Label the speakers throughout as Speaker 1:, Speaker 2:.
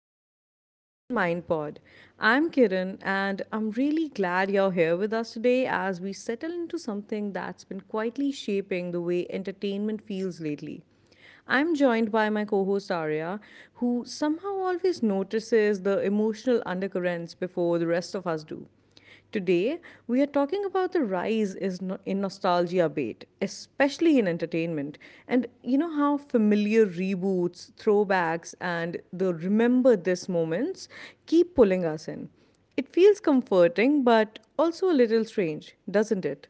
Speaker 1: back to the Open Mind Pod. I'm Kiran and I'm really glad you're here with us today as we settle into something that's been quietly shaping the way entertainment feels lately. I'm joined by my co host Arya, who somehow always notices the emotional undercurrents before the rest of us do. Today, we are talking about the rise is no- in nostalgia bait, especially in entertainment, and you know how familiar reboots, throwbacks, and the remember this moments keep pulling us in. It feels comforting, but also a little strange, doesn't it?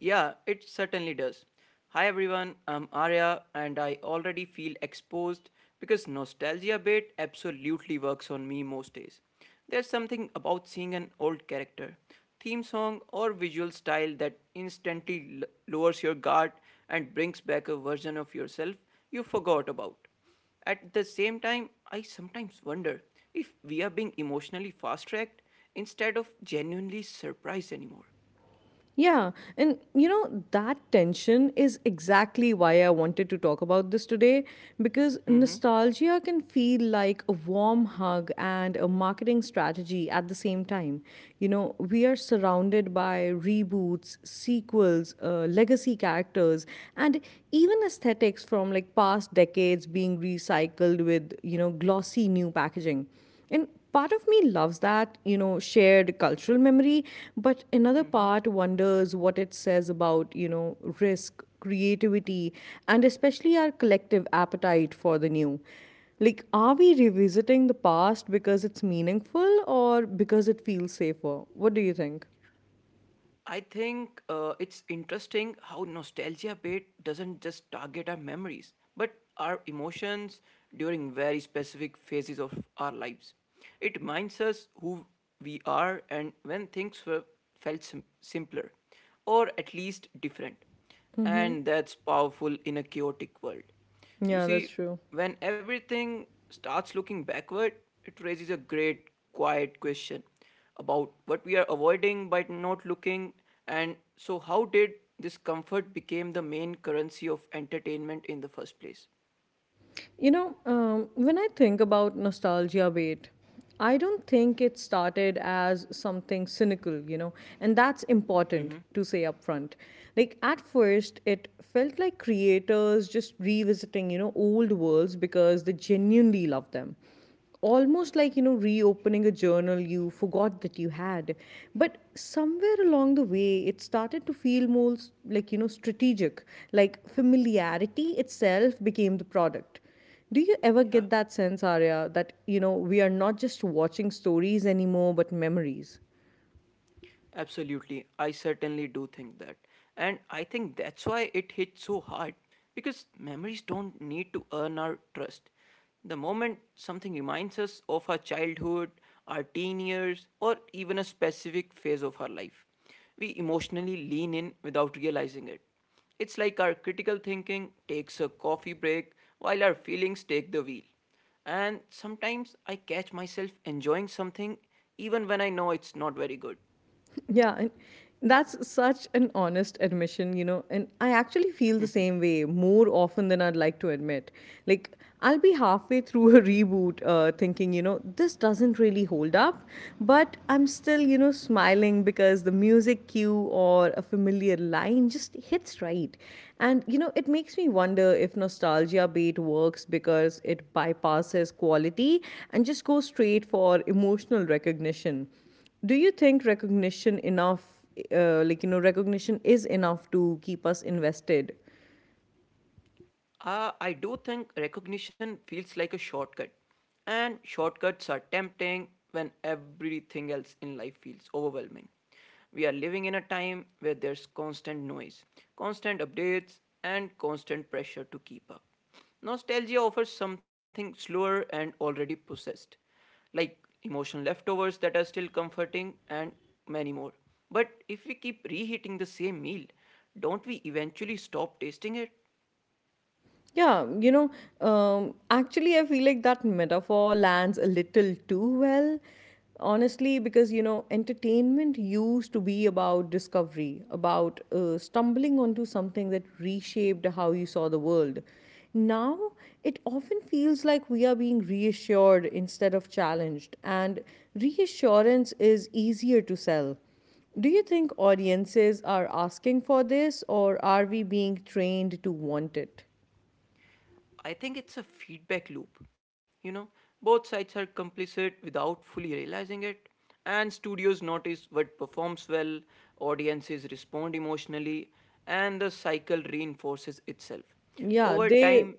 Speaker 2: Yeah, it certainly does. Hi everyone, I'm Arya and I already feel exposed because nostalgia bait absolutely works on me most days. There's something about seeing an old character, theme song or visual style that instantly lowers your guard and brings back a version of yourself you forgot about. At the same time, I sometimes wonder if we are being emotionally fast tracked instead of genuinely surprised anymore.
Speaker 1: Yeah, and you know, that tension is exactly why I wanted to talk about this today because nostalgia can feel like a warm hug and a marketing strategy at the same time. You know, we are surrounded by reboots, sequels, legacy characters, and even aesthetics from like past decades being recycled with, you know, glossy new packaging. And part of me loves that, you know, shared cultural memory, but another
Speaker 2: Mm-hmm.
Speaker 1: part wonders what it says about, you know, risk, creativity, and especially our collective appetite for the new. Like, are we revisiting the past because it's meaningful or because it feels safer? What do you think?
Speaker 2: I think it's interesting how nostalgia bait doesn't just target our memories, but our emotions during very specific phases of our lives. It reminds us who we are and when things were felt simpler, or at least different.
Speaker 1: Mm-hmm.
Speaker 2: And that's powerful in a chaotic world. You
Speaker 1: Yeah, that's
Speaker 2: see,
Speaker 1: true.
Speaker 2: when everything starts looking backward, it raises a great, quiet question about what we are avoiding by not looking. And so, how did this comfort became the main currency of entertainment in the first place?
Speaker 1: You know, when I think about nostalgia bait, I don't think it started as something cynical, you know, and that's important to say upfront. Like, at first, it felt like creators just revisiting, you know, old worlds because they genuinely love them, almost like, you know, reopening a journal you forgot that you had. But somewhere along the way it started to feel more like, you know, strategic, like familiarity itself became the product. Do you ever
Speaker 2: Yeah.
Speaker 1: get that sense, Arya, that, you know, we are not just watching stories anymore but memories?
Speaker 2: Absolutely. I certainly do think that. And I think that's why it hits so hard because memories don't need to earn our trust. The moment something reminds us of our childhood, our teen years, or even a specific phase of our life, we emotionally lean in without realizing it. It's like our critical thinking takes a coffee break while our feelings take the wheel. And sometimes I catch myself enjoying something even when I know it's not very good.
Speaker 1: Yeah, and that's such an honest admission, you know. And I actually feel the same way more often than I'd like to admit. Like, I'll be halfway through a reboot thinking, you know, this doesn't really hold up, but I'm still, you know, smiling because the music cue or a familiar line just hits right. And, you know, it makes me wonder if nostalgia bait works because it bypasses quality and just goes straight for emotional recognition. Do you think recognition enough, like, you know, recognition is enough to keep us invested?
Speaker 2: I do think recognition feels like a shortcut. And shortcuts are tempting when everything else in life feels overwhelming. We are living in a time where there's constant noise, constant updates, and constant pressure to keep up. Nostalgia offers something slower and already possessed, like emotional leftovers that are still comforting and many more. But if we keep reheating the same meal, don't we eventually stop tasting it?
Speaker 1: Yeah, you know, actually, I feel like that metaphor lands a little too well, honestly, because, you know, entertainment used to be about discovery, about stumbling onto something that reshaped how you saw the world. Now, it often feels like we are being reassured instead of challenged, and reassurance is easier to sell. Do you think audiences are asking for this, or are we being trained to want it?
Speaker 2: I think it's a feedback loop. You know, both sides are complicit without fully realizing it, and studios notice what performs well, audiences respond emotionally, and the cycle reinforces itself.
Speaker 1: Yeah,
Speaker 2: Over
Speaker 1: they,
Speaker 2: time,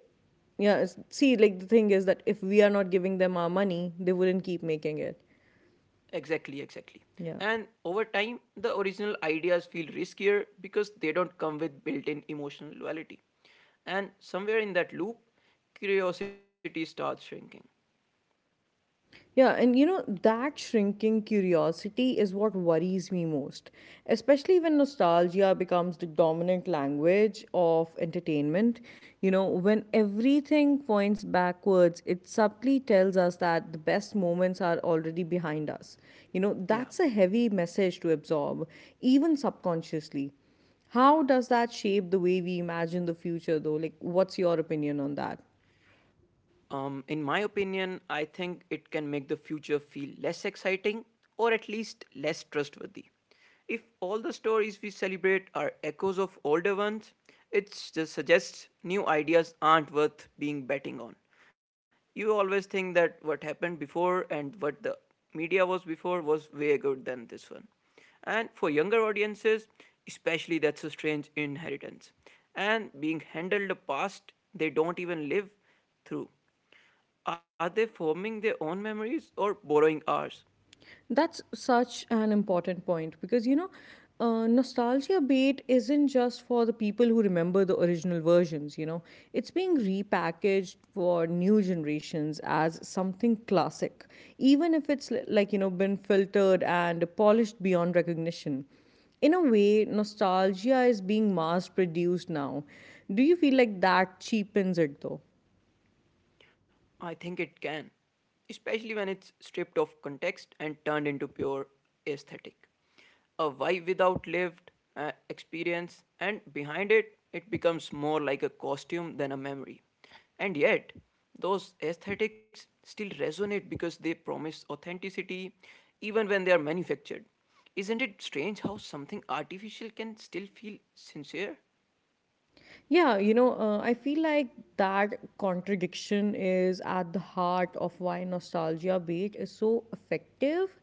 Speaker 1: See, like the thing is that if we are not giving them our money, they wouldn't keep making it.
Speaker 2: exactly, exactly.
Speaker 1: Yeah.
Speaker 2: And over time, the original ideas feel riskier because they don't come with built in emotional loyalty. And somewhere in that loop, curiosity starts shrinking.
Speaker 1: Yeah, and you know, that shrinking curiosity is what worries me most, especially when nostalgia becomes the dominant language of entertainment. You know, when everything points backwards, it subtly tells us that the best moments are already behind us. You know, that's
Speaker 2: Yeah.
Speaker 1: a heavy message to absorb, even subconsciously. How does that shape the way we imagine the future, though? Like, what's your opinion on that?
Speaker 2: In my opinion, I think it can make the future feel less exciting or at least less trustworthy. If all the stories we celebrate are echoes of older ones, it just suggests new ideas aren't worth being betting on. You always think that what happened before and what the media was before was way good than this one. And for younger audiences, especially that's a strange inheritance. And being handled the past they don't even live through. Are they forming their own memories or borrowing ours?
Speaker 1: That's such an important point because, you know, nostalgia bait isn't just for the people who remember the original versions, you know, it's being repackaged for new generations as something classic, even if it's like, you know, been filtered and polished beyond recognition. In a way, nostalgia is being mass produced now. Do you feel like that cheapens it though?
Speaker 2: I think it can, especially when it's stripped of context and turned into pure aesthetic. A why without lived experience, and behind it, it becomes more like a costume than a memory. And yet, those aesthetics still resonate because they promise authenticity even when they are manufactured. Isn't it strange how something artificial can still feel sincere?
Speaker 1: Yeah, you know, I feel like that contradiction is at the heart of why nostalgia bait is so effective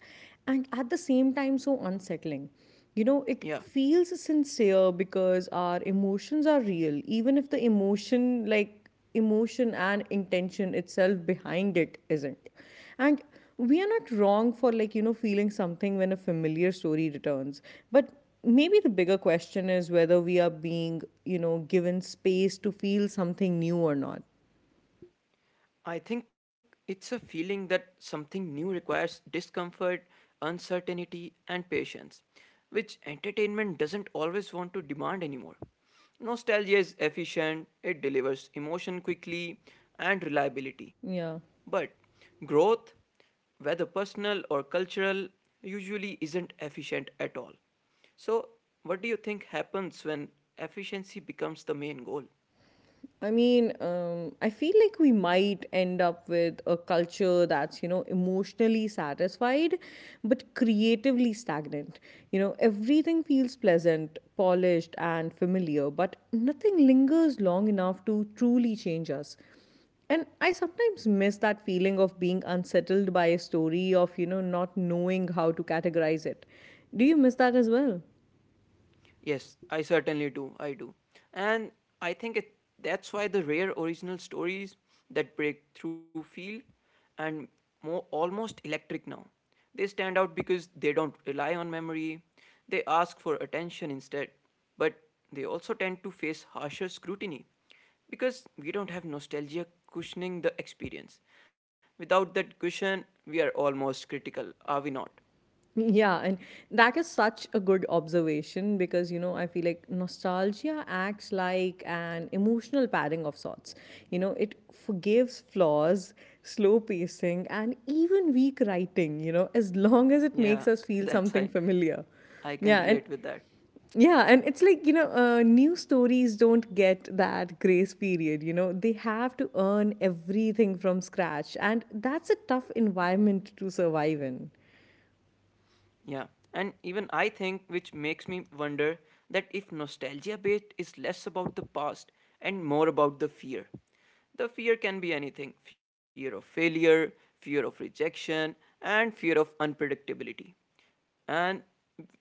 Speaker 1: and at the same time so unsettling. You know, it
Speaker 2: Yeah,
Speaker 1: feels sincere because our emotions are real, even if the emotion, like emotion and intention itself behind it, isn't. And we are not wrong for, like, you know, feeling something when a familiar story returns. But maybe the bigger question is whether we are being, you know, given space to feel something new or not.
Speaker 2: I think it's a feeling that something new requires discomfort, uncertainty, and patience, which entertainment doesn't always want to demand anymore. Nostalgia is efficient, it delivers emotion quickly and reliability.
Speaker 1: Yeah.
Speaker 2: But growth, whether personal or cultural, usually isn't efficient at all. So, what do you think happens when efficiency becomes the main goal?
Speaker 1: I mean, I feel like we might end up with a culture that's, you know, emotionally satisfied but creatively stagnant. You know, everything feels pleasant, polished, and familiar, but nothing lingers long enough to truly change us. And I sometimes miss that feeling of being unsettled by a story, of, you know, not knowing how to categorize it. Do you miss that as well?
Speaker 2: Yes, I certainly do. I do. And I think it, that's why the rare original stories that break through feel and more almost electric now. They stand out because they don't rely on memory. They ask for attention instead. But they also tend to face harsher scrutiny because we don't have nostalgia cushioning the experience. Without that cushion, we are almost critical, are we not?
Speaker 1: Yeah, and that is such a good observation because, you know, I feel like nostalgia acts like an emotional padding of sorts. You know, it forgives flaws, slow pacing, and even weak writing, you know, as long as it
Speaker 2: Yeah,
Speaker 1: makes us feel
Speaker 2: that's
Speaker 1: something familiar.
Speaker 2: I can
Speaker 1: Yeah, and
Speaker 2: relate with that.
Speaker 1: yeah, and it's like, you know, new stories don't get that grace period, you know, they have to earn everything from scratch, and that's a tough environment to survive in.
Speaker 2: Yeah, and even I think, which makes me wonder that if nostalgia bait is less about the past and more about the fear. The fear can be anything fear of failure, fear of rejection, and fear of unpredictability. And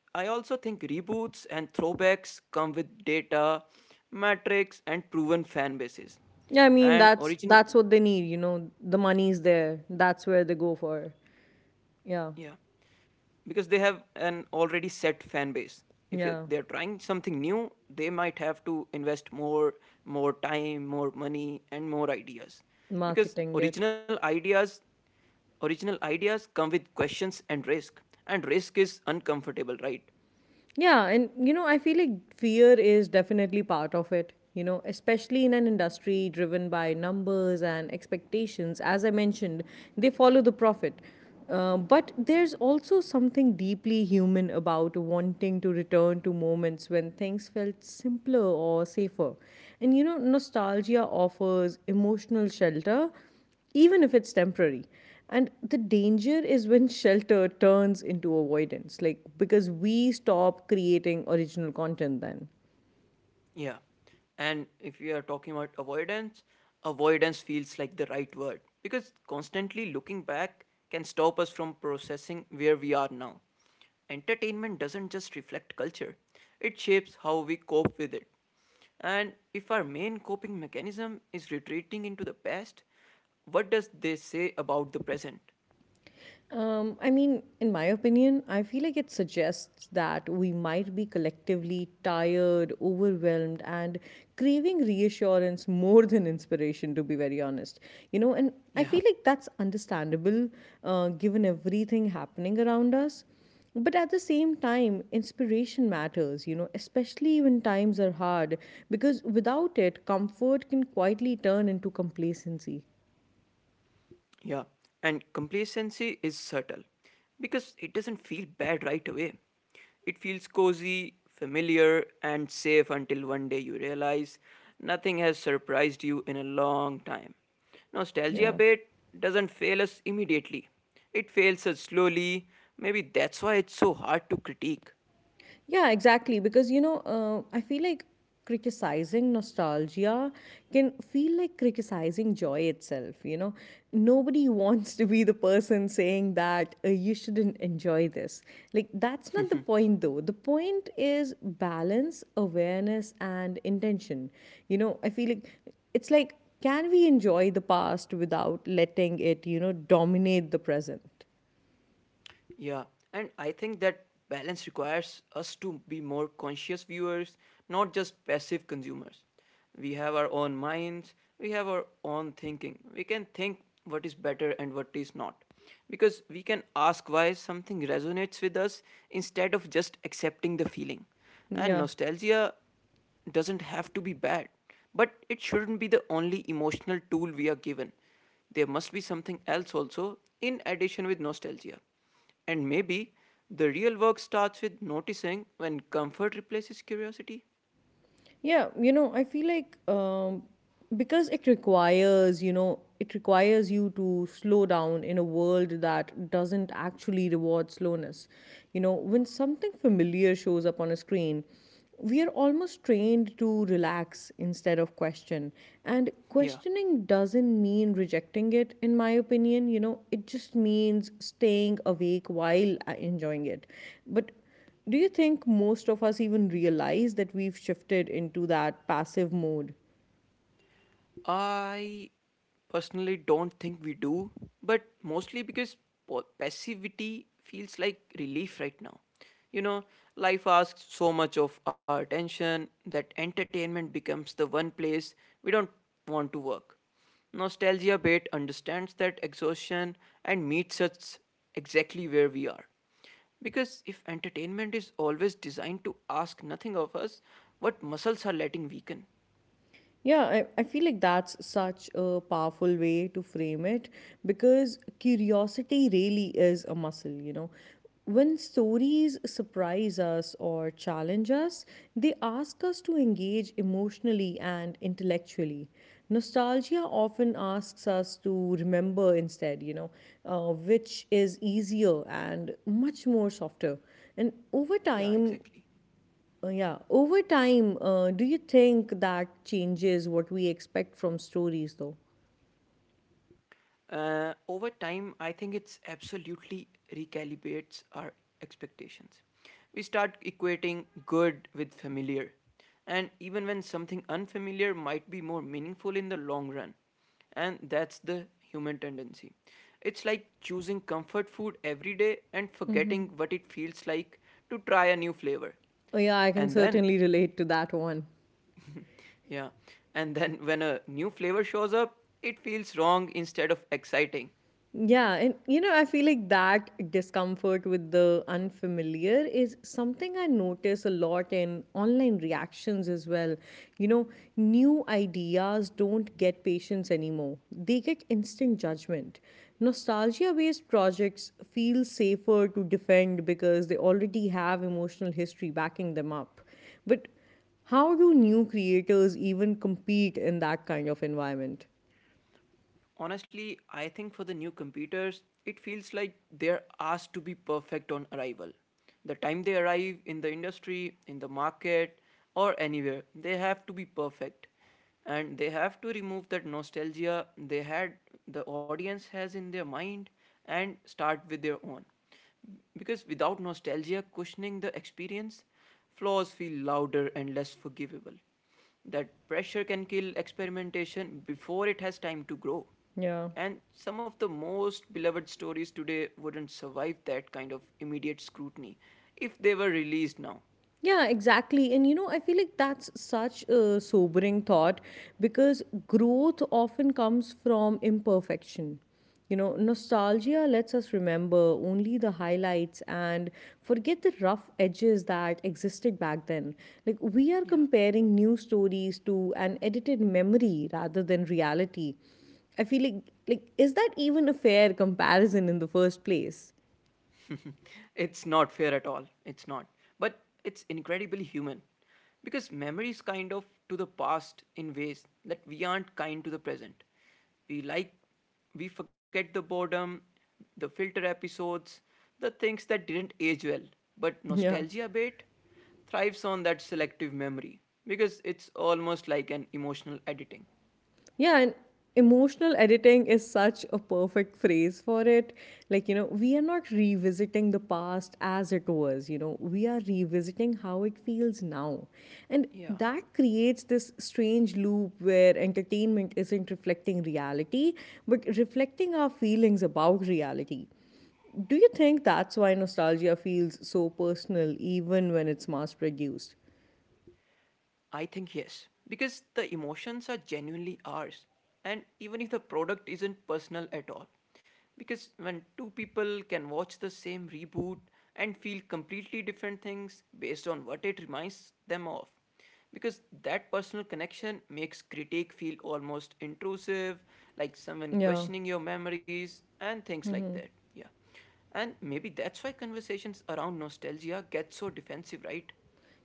Speaker 2: I also think reboots and throwbacks come with data, metrics, and proven fan bases.
Speaker 1: Yeah, I mean
Speaker 2: And
Speaker 1: that's
Speaker 2: original,
Speaker 1: that's what they need, you know. The money's there. That's where they go for. Yeah.
Speaker 2: yeah, because they have an already set fan base. If
Speaker 1: Yeah.
Speaker 2: they're trying something new they might have to invest more, more time, more money, and more ideas, because
Speaker 1: Marketing it.
Speaker 2: original ideas original ideas come with questions and risk, and risk is uncomfortable, right?
Speaker 1: Yeah, and you know, I feel like fear is definitely part of it, you know, especially in an industry driven by numbers and expectations. As I mentioned, they follow the profit. But there's also something deeply human about wanting to return to moments when things felt simpler or safer. And, you know, nostalgia offers emotional shelter even if it's temporary. And the danger is when shelter turns into avoidance, like because we stop creating original content then.
Speaker 2: Yeah. And if we are talking about avoidance, avoidance feels like the right word because constantly looking back can stop us from processing where we are now. Entertainment doesn't just reflect culture, it shapes how we cope with it. And if our main coping mechanism is retreating into the past, what does this say about the present?
Speaker 1: I mean, in my opinion, I feel like it suggests that we might be collectively tired, overwhelmed, and craving reassurance more than inspiration, to be very honest. You know, and I
Speaker 2: Yeah.
Speaker 1: feel like that's understandable, given everything happening around us. But at the same time, inspiration matters, you know, especially when times are hard, because without it, comfort can quietly turn into complacency.
Speaker 2: Yeah, and complacency is subtle because it doesn't feel bad right away. It feels cozy, familiar, and safe until one day you realize nothing has surprised you in a long time. Nostalgia
Speaker 1: Yeah.
Speaker 2: bait doesn't fail us immediately, it fails us slowly. Maybe that's why it's so hard to critique.
Speaker 1: Yeah, exactly. Because, you know, I feel like criticizing nostalgia can feel like criticizing joy itself. You know, nobody wants to be the person saying that you shouldn't enjoy this. Like, that's not the point, though. The point is balance, awareness, and intention. You know, I feel like it's like, can we enjoy the past without letting it, you know, dominate the present?
Speaker 2: Yeah, and I think that balance requires us to be more conscious viewers, not just passive consumers. We have our own minds, we have our own thinking. We can think what is better and what is not. Because we can ask why something resonates with us instead of just accepting the feeling. And
Speaker 1: Yeah.
Speaker 2: nostalgia doesn't have to be bad, but it shouldn't be the only emotional tool we are given. There must be something else also in addition with nostalgia. And maybe the real work starts with noticing when comfort replaces curiosity.
Speaker 1: Yeah, you know, I feel like because it requires, you know, it requires you to slow down in a world that doesn't actually reward slowness. You know, when something familiar shows up on a screen, we are almost trained to relax instead of question. And
Speaker 2: Yeah.
Speaker 1: questioning doesn't mean rejecting it, in my opinion. You know, it just means staying awake while enjoying it. But do you think most of us even realize that we've shifted into that passive mode?
Speaker 2: I personally don't think we do, but mostly because passivity feels like relief right now. You know, life asks so much of our attention that entertainment becomes the one place we don't want to work. Nostalgia Bait understands that exhaustion and meets us exactly where we are. Because if entertainment is always designed to ask nothing of us, what muscles are letting weaken?
Speaker 1: Yeah, I feel like that's such a powerful way to frame it because curiosity really is a muscle, you know. When stories surprise us or challenge us, they ask us to engage emotionally and intellectually. Nostalgia often asks us to remember instead, you know, which is easier and much more softer. And over
Speaker 2: Yeah,
Speaker 1: time,
Speaker 2: exactly.
Speaker 1: do you think that changes what we expect from stories, though?
Speaker 2: Over time, I think it's absolutely recalibrates our expectations. We start equating good with familiar, and even when something unfamiliar might be more meaningful in the long run, and that's the human tendency. It's like choosing comfort food every day and forgetting what it feels like to try a new flavor.
Speaker 1: Yeah, I can
Speaker 2: And then,
Speaker 1: certainly relate to that one.
Speaker 2: yeah, and then when a new flavor shows up, it feels wrong instead of exciting.
Speaker 1: Yeah, and you know, I feel like that discomfort with the unfamiliar is something I notice a lot in online reactions as well. You know, new ideas don't get patience anymore, they get instant judgment. Nostalgia based projects feel safer to defend because they already have emotional history backing them up. But how do new creators even compete in that kind of environment?
Speaker 2: Honestly, I think for the new computers, it feels like they're asked to be perfect on arrival. The time they arrive in the industry, in the market, or anywhere, they have to be perfect. And they have to remove that nostalgia they had, the audience has in their mind, and start with their own. Because without nostalgia cushioning the experience, flaws feel louder and less forgivable. That pressure can kill experimentation before it has time to grow.
Speaker 1: Yeah.
Speaker 2: And some of the most beloved stories today wouldn't survive that kind of immediate scrutiny if they were released now.
Speaker 1: Yeah, exactly. And you know, I feel like that's such a sobering thought because growth often comes from imperfection. You know, nostalgia lets us remember only the highlights and forget the rough edges that existed back then. Like, we are
Speaker 2: Yeah.
Speaker 1: comparing new stories to an edited memory rather than reality. I feel like is that even a fair comparison in the first place?
Speaker 2: It's not fair at all. It's not. But it's incredibly human. Because memory is kind of to the past in ways that we aren't kind to the present. We like, we forget the boredom, the filter episodes, the things that didn't age well. But
Speaker 1: Yeah.
Speaker 2: nostalgia bait thrives on that selective memory because it's almost like an emotional editing.
Speaker 1: Yeah, and emotional editing is such a perfect phrase for it. Like, you know, we are not revisiting the past as it was, you know, we are revisiting how it feels now. And
Speaker 2: Yeah.
Speaker 1: that creates this strange loop where entertainment isn't reflecting reality, but reflecting our feelings about reality. Do you think that's why nostalgia feels so personal even when it's mass produced?
Speaker 2: I think yes, because the emotions are genuinely ours, and even if the product isn't personal at all. Because when two people can watch the same reboot and feel completely different things based on what it reminds them of, because that personal connection makes critique feel almost intrusive, like someone
Speaker 1: Yeah.
Speaker 2: questioning your memories and things like that. Yeah. And maybe that's why conversations around nostalgia get so defensive, right?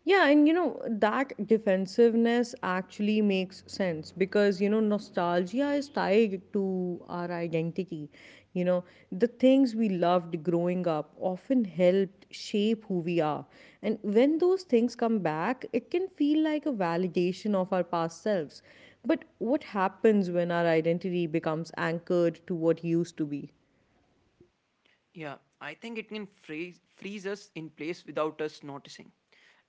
Speaker 1: Yeah, and you know, that defensiveness actually makes sense because, you know, nostalgia is tied to our identity. You know, the things we loved growing up often helped shape who we are. And when those things come back, it can feel like a validation of our past selves. But what happens when our identity becomes anchored to what used to be?
Speaker 2: Yeah, I think it can freeze us in place without us noticing.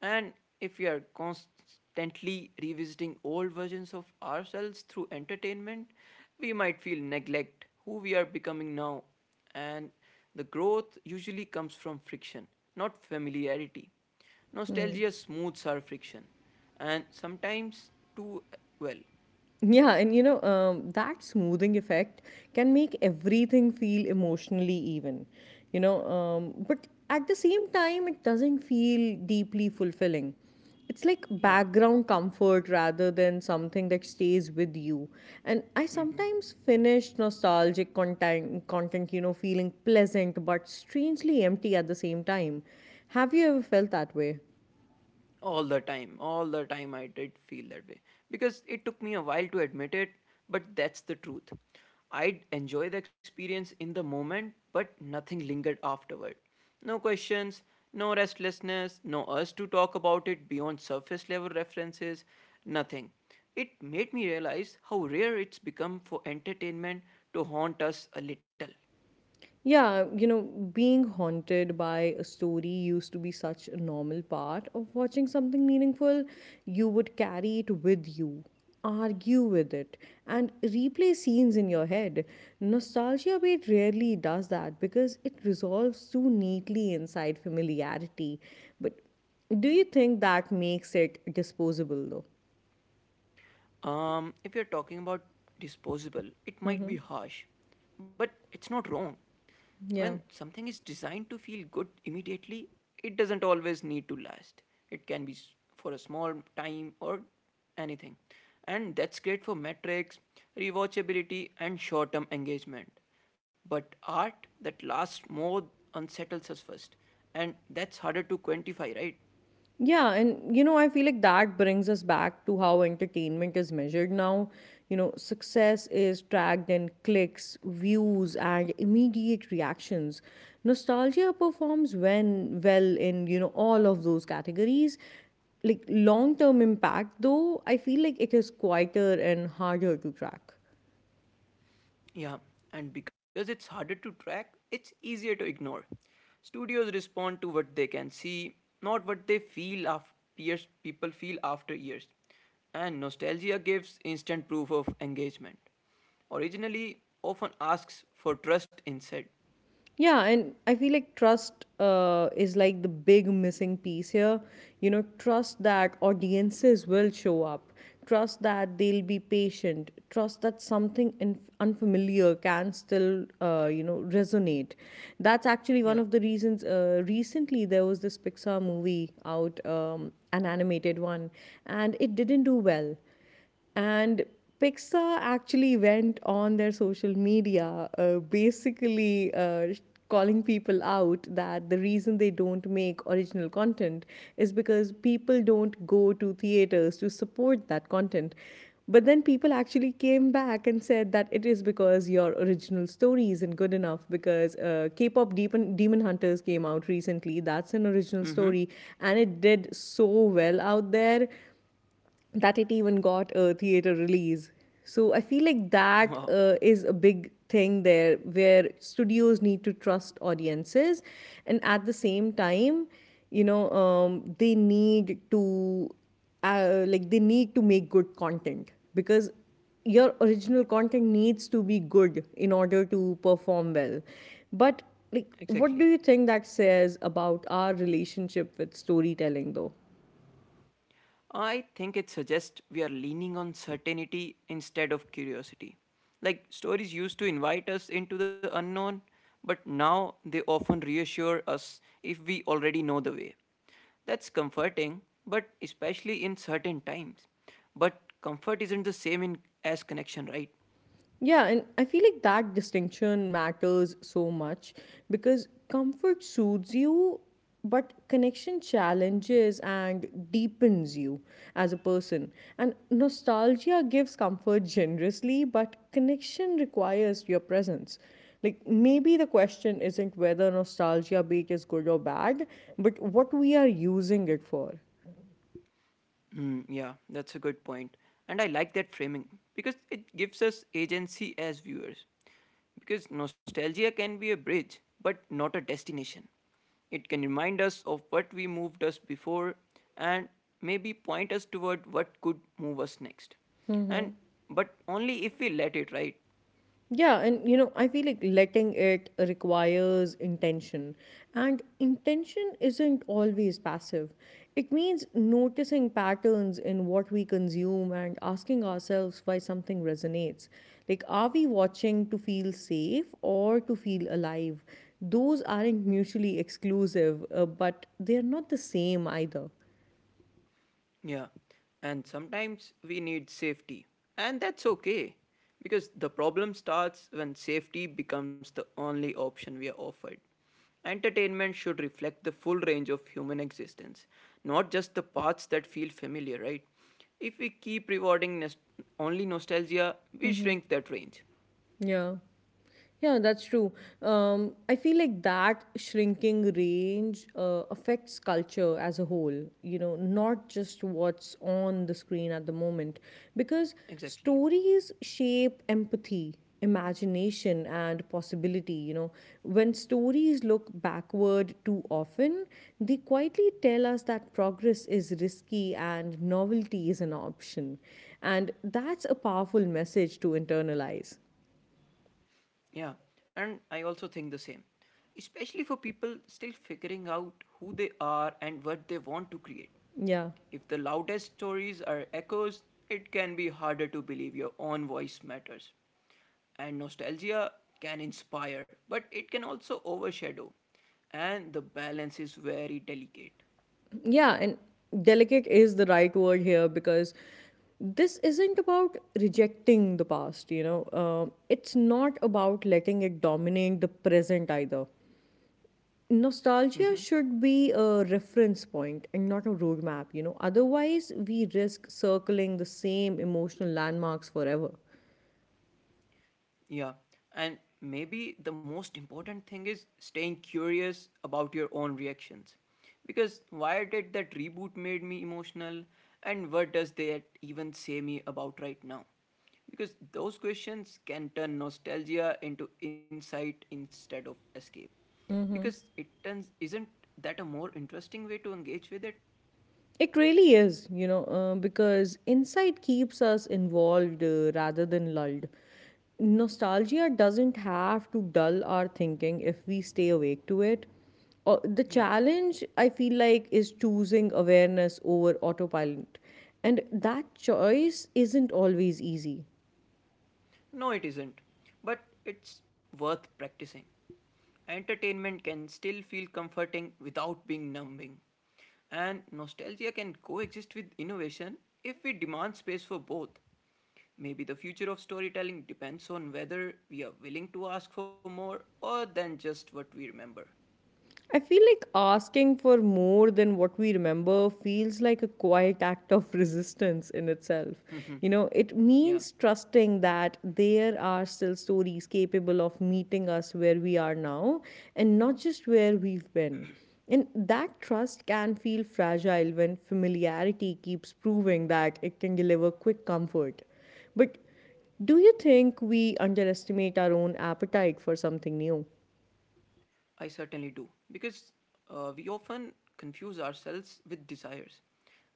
Speaker 2: And if we are constantly revisiting old versions of ourselves through entertainment, we might feel neglect who we are becoming now. And the growth usually comes from friction, not familiarity. Nostalgia smooths our friction, and sometimes too well.
Speaker 1: Yeah, and that smoothing effect can make everything feel emotionally even, but at the same time, it doesn't feel deeply fulfilling. It's like
Speaker 2: Yeah.
Speaker 1: background comfort rather than something that stays with you. And I
Speaker 2: Mm-hmm.
Speaker 1: sometimes finish nostalgic content, you know, feeling pleasant but strangely empty at the same time. Have you ever felt that way?
Speaker 2: All the time, I did feel that way because it took me a while to admit it, but that's the truth. I would enjoy the experience in the moment but nothing lingered afterward, no questions, no restlessness, no urge to talk about it beyond surface level references, nothing. It made me realize how rare it's become for entertainment to haunt us a little.
Speaker 1: Yeah, you know, being haunted by a story used to be such a normal part of watching something meaningful. You would carry it with you, argue with it, and replay scenes in your head. Nostalgia bait rarely does that because it resolves too neatly inside familiarity. But do you think that makes it disposable though?
Speaker 2: If you're talking about disposable, it might
Speaker 1: Mm-hmm.
Speaker 2: be harsh, but it's not wrong. When
Speaker 1: Yeah.
Speaker 2: something is designed to feel good immediately, it doesn't always need to last. It can be for a small time or anything. And that's great for metrics, rewatchability, and short term engagement. But art that lasts more unsettles us first. And that's harder to quantify, right?
Speaker 1: Yeah, and I feel like that brings us back to how entertainment is measured now. You know, success is tracked in clicks, views, and immediate reactions. Nostalgia performs when well in, all of those categories. Like long term impact, though, I feel like it is quieter and harder to track.
Speaker 2: Yeah, and because it's harder to track, it's easier to ignore. Studios respond to what they can see, not what they feel after years, people feel after years. And nostalgia gives instant proof of engagement. Originally, often asks for trust instead.
Speaker 1: Yeah, and I feel like trust is like the big missing piece here. You know, trust that audiences will show up, trust that they'll be patient, trust that something unfamiliar can still, resonate. That's actually one
Speaker 2: Yeah.
Speaker 1: of the reasons. Recently, there was this Pixar movie out, an animated one, and it didn't do well and Pixar actually went on their social media, basically calling people out that the reason they don't make original content is because people don't go to theaters to support that content. But then people actually came back and said that it is because your original story isn't good enough. Because K pop Demon Hunters came out recently. That's an original
Speaker 2: Mm-hmm.
Speaker 1: story and it did so well out there that it even got a theater release. So I feel like that
Speaker 2: Wow.
Speaker 1: is a big thing there where studios need to trust audiences and at the same time they need to they need to make good content because your original content needs to be good in order to perform well but like what do
Speaker 2: Exactly.
Speaker 1: you think that says about our relationship with storytelling though?
Speaker 2: I think it suggests we are leaning on certainty instead of curiosity. Like stories used to invite us into the unknown, but now they often reassure us if we already know the way. That's comforting, but especially in certain times. But comfort isn't the same in as connection, right?
Speaker 1: Yeah, and I feel like that distinction matters so much because comfort soothes you, but connection challenges and deepens you as a person. And nostalgia gives comfort generously, but connection requires your presence. Like, maybe the question isn't whether nostalgia bait is good or bad, but what we are using it for.
Speaker 2: Hmm, yeah, that's a good point. And I like that framing because it gives us agency as viewers. Because nostalgia can be a bridge, but not a destination. It can remind us of what we moved us before and maybe point us toward what could move us next. And but only if we let it, right?
Speaker 1: Yeah, and you know, I feel like letting it requires intention. And intention isn't always passive. It means noticing patterns in what we consume and asking ourselves why something resonates. Like, are we watching to feel safe or to feel alive? Those aren't mutually exclusive, but they're not the same either.
Speaker 2: Yeah, and sometimes we need safety, and that's okay because the problem starts when safety becomes the only option we are offered. Entertainment should reflect the full range of human existence, not just the parts that feel familiar, right? If we keep rewarding only nostalgia, we shrink that range.
Speaker 1: Yeah. Yeah, that's true. I feel like that shrinking range affects culture as a whole, you know, not just what's on the screen at the moment. Because
Speaker 2: Exactly.
Speaker 1: stories shape empathy, imagination, and possibility, you know. When stories look backward too often, they quietly tell us that progress is risky and novelty is an option. And that's a powerful message to internalize.
Speaker 2: Yeah, and I also think the same, especially for people still figuring out who they are and what they want to create.
Speaker 1: Yeah.
Speaker 2: If the loudest stories are echoes, it can be harder to believe your own voice matters. And nostalgia can inspire, but it can also overshadow. And the balance is very delicate.
Speaker 1: Yeah. And delicate is the right word here because this isn't about rejecting the past, you know. It's not about letting it dominate the present either. Nostalgia
Speaker 2: Mm-hmm.
Speaker 1: should be a reference point and not a roadmap, you know. Otherwise, we risk circling the same emotional landmarks forever.
Speaker 2: Yeah. And maybe the most important thing is staying curious about your own reactions. Because why did that reboot made me emotional and what does that even say me about right now? Because those questions can turn nostalgia into insight instead of escape. Because it turns isn't that a more interesting way to engage with it?
Speaker 1: It really is, you know, because insight keeps us involved rather than lulled. Nostalgia doesn't have to dull our thinking if we stay awake to it. The
Speaker 2: Yeah.
Speaker 1: challenge, I feel like, is choosing awareness over autopilot. And that choice isn't always easy.
Speaker 2: No, it isn't. But it's worth practicing. Entertainment can still feel comforting without being numbing. And nostalgia can coexist with innovation if we demand space for both. Maybe the future of storytelling depends on whether we are willing to ask for more or than just what we remember.
Speaker 1: I feel like asking for more than what we remember feels like a quiet act of resistance in itself. You know, it
Speaker 2: Yeah.
Speaker 1: means trusting that there are still stories capable of meeting us where we are now and not just where we've been. And that trust can feel fragile when familiarity keeps proving that it can deliver quick comfort. But do you think we underestimate our own appetite for something new?
Speaker 2: I certainly do. Because we often confuse ourselves with desires.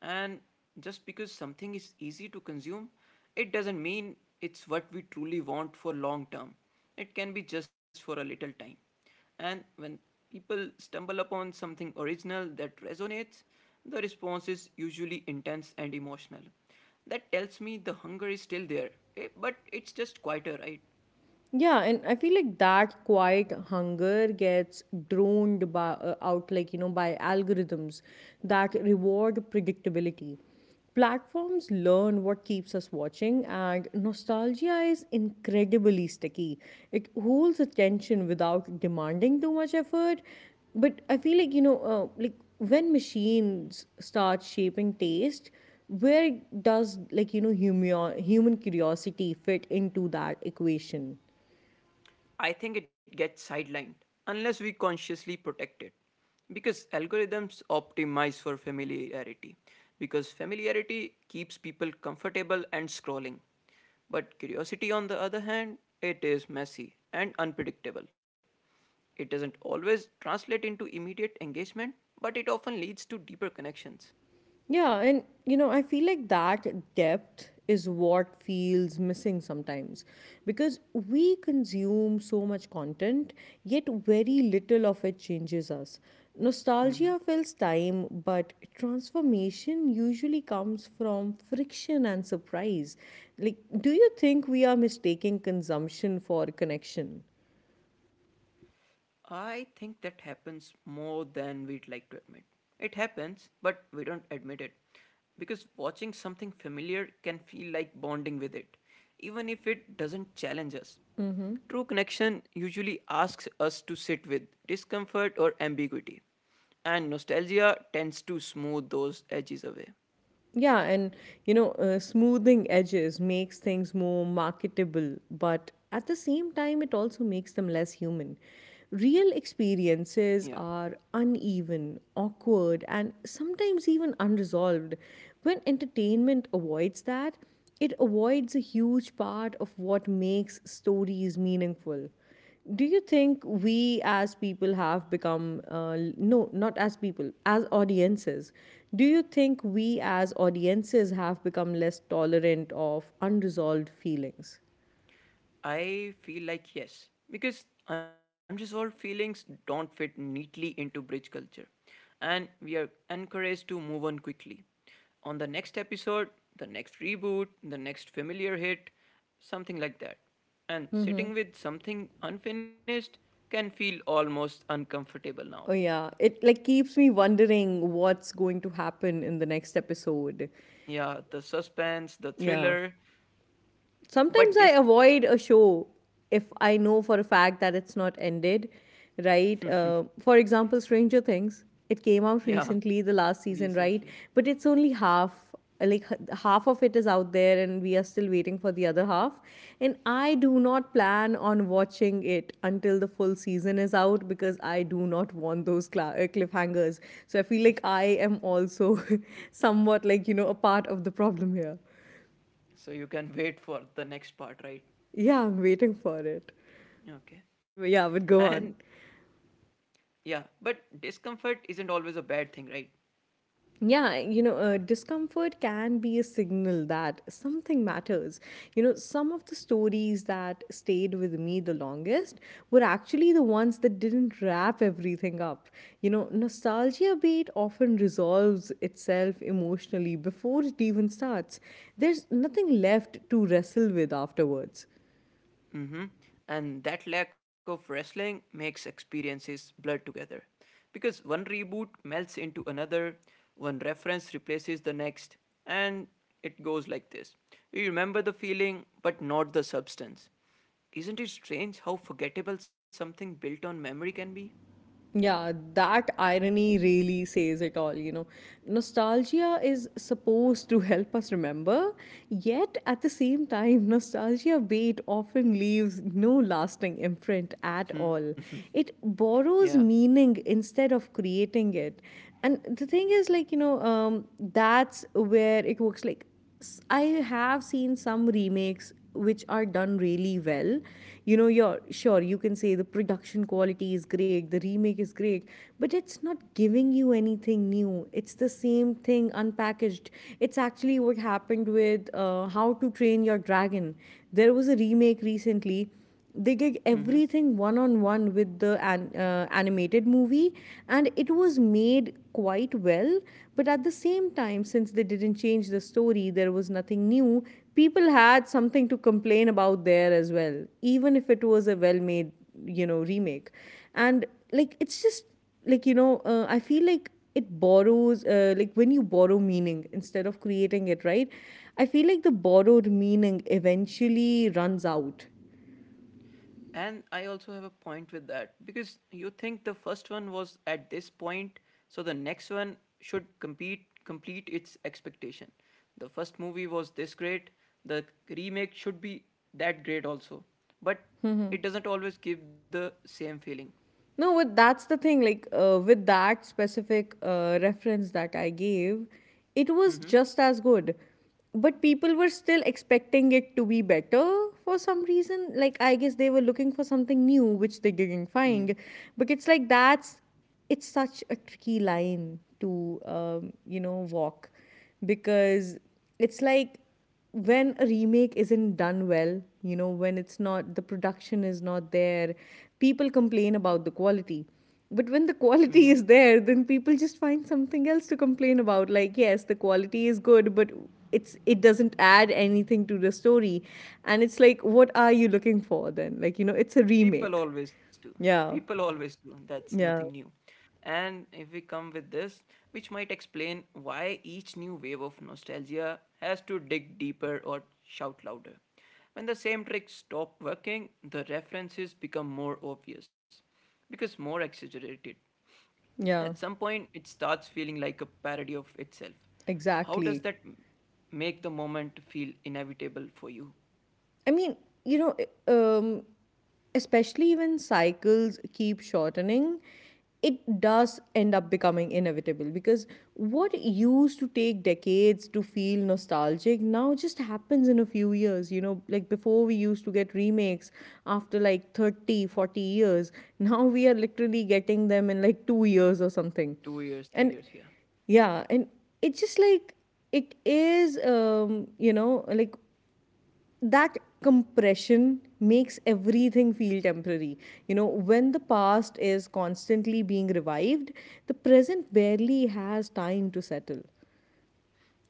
Speaker 2: And just because something is easy to consume, it doesn't mean it's what we truly want for long term. It can be just for a little time. And when people stumble upon something original that resonates, the response is usually intense and emotional. That tells me the hunger is still there, but it's just quieter, right?
Speaker 1: Yeah, and I feel like that quiet hunger gets droned by, out, like, you know, by algorithms that reward predictability. Platforms learn what keeps us watching, and nostalgia is incredibly sticky. It holds attention without demanding too much effort. But I feel like, like when machines start shaping taste, where does, human curiosity fit into that equation?
Speaker 2: I think it gets sidelined unless we consciously protect it. Because algorithms optimize for familiarity, because familiarity keeps people comfortable and scrolling. But curiosity, on the other hand, it is messy and unpredictable. It doesn't always translate into immediate engagement, but it often leads to deeper connections.
Speaker 1: Yeah, and you know, I feel like that depth is what feels missing sometimes because we consume so much content, yet very little of it changes us. Nostalgia
Speaker 2: Mhm.
Speaker 1: fills time, but transformation usually comes from friction and surprise. Like, do you think we are mistaking consumption for connection?
Speaker 2: I think that happens more than we'd like to admit. It happens, but we don't admit it. Because watching something familiar can feel like bonding with it, even if it doesn't challenge us. True connection usually asks us to sit with discomfort or ambiguity, and nostalgia tends to smooth those edges away.
Speaker 1: Yeah, and smoothing edges makes things more marketable, but at the same time, it also makes them less human. Real
Speaker 2: Yeah.
Speaker 1: experiences are uneven, awkward, and sometimes even unresolved. When entertainment avoids that, it avoids a huge part of what makes stories meaningful. Do you think we as people have become, no, not as people, as audiences, do you think we as audiences have become less tolerant of unresolved feelings?
Speaker 2: I feel like yes, because unresolved feelings don't fit neatly into bridge culture, and we are encouraged to move on quickly. On the next episode, the next reboot, the next familiar hit, something like that. And sitting with something unfinished can feel almost uncomfortable now.
Speaker 1: Oh, yeah. It like keeps me wondering what's going to happen in the next episode.
Speaker 2: Yeah, the suspense, the
Speaker 1: Yeah.
Speaker 2: thriller,
Speaker 1: Sometimes
Speaker 2: but
Speaker 1: I
Speaker 2: this,
Speaker 1: avoid a show if I know for a fact that it's not ended, right? For example, Stranger Things. It came out
Speaker 2: yeah,
Speaker 1: recently, the last season, right?
Speaker 2: recently.
Speaker 1: But it's only half. Like half of it is out there, and we are still waiting for the other half. And I do not plan on watching it until the full season is out because I do not want those cliffhangers. So I feel like I am also somewhat like, you know, a part of the problem here.
Speaker 2: So you can wait for the next part, right?
Speaker 1: Yeah, I'm waiting for it.
Speaker 2: Okay.
Speaker 1: Yeah, but
Speaker 2: And
Speaker 1: go on.
Speaker 2: yeah, but discomfort isn't always a bad thing, right?
Speaker 1: Yeah, you know, discomfort can be a signal that something matters. You know, some of the stories that stayed with me the longest were actually the ones that didn't wrap everything up. You know, nostalgia bait often resolves itself emotionally before it even starts. There's nothing left to wrestle with afterwards.
Speaker 2: Mm-hmm. And that lack of wrestling makes experiences blur together. Because one reboot melts into another, one reference replaces the next, and it goes like this. You remember the feeling, but not the substance. Isn't it strange how forgettable something built on memory can be?
Speaker 1: Yeah, that irony really says it all, you know. Nostalgia is supposed to help us remember, yet at the same time, nostalgia bait often leaves no lasting imprint at all. It
Speaker 2: Yeah.
Speaker 1: borrows meaning instead of creating it. And the thing is, that's where it works I have seen some remakes which are done really well. You know, you're sure you can say the production quality is great, the remake is great, but it's not giving you anything new. It's the same thing unpackaged. It's actually what happened with How to Train Your Dragon. There was a remake recently. They did
Speaker 2: Mm-hmm.
Speaker 1: everything one on one with the animated movie and it was made quite well but at the same time since they didn't change the story there was nothing new. People had something to complain about there as well even if it was a well made, you know, remake. And like it's just like, I feel like it borrows, like when you borrow meaning instead of creating it, right? I feel like the borrowed meaning eventually runs out.
Speaker 2: And I also have a point with that because you think the first one was at this point, so the next one should compete complete its expectation. The first movie was this great, the remake should be that great also, but it doesn't always give the same feeling.
Speaker 1: No, but that's the thing. Like, with that specific reference that I gave, it was
Speaker 2: Mm-hmm.
Speaker 1: just as good, but people were still expecting it to be better for some reason. Like I guess they were looking for something new, which they didn't
Speaker 2: New.
Speaker 1: find. But it's like that's it's such a tricky line to you know, walk because it's like when a remake isn't done well, you know, when it's not, the production is not there, people complain about the quality. But when the
Speaker 2: Mm-hmm.
Speaker 1: quality is there, then people just find something else to complain about. Like, yes, the quality is good, but it doesn't add anything to the story. And it's like, what are you looking for then? Like, you know, it's a
Speaker 2: People
Speaker 1: remake.
Speaker 2: always do.
Speaker 1: Yeah.
Speaker 2: People always do. That's nothing
Speaker 1: Yeah.
Speaker 2: new. And if we come with this, which might explain why each new wave of nostalgia has to dig deeper or shout louder. When the same tricks stop working, the references become more obvious because more exaggerated. At
Speaker 1: Yeah.
Speaker 2: some point, it starts feeling like a parody of itself. How does
Speaker 1: Exactly.
Speaker 2: that m- Make the moment feel inevitable for you?
Speaker 1: I mean, you know, um, especially when cycles keep shortening, it does end up becoming inevitable because what used to take decades to feel nostalgic now just happens in a few years. You know, like before we used to get remakes after like 30, 40 years. Now we are literally getting them in like 2 years or something.
Speaker 2: 2 years, three
Speaker 1: And
Speaker 2: years, yeah.
Speaker 1: yeah, and it's just like it is you know like that compression makes everything feel temporary. You know, when the past is constantly being revived, the present barely has time to settle.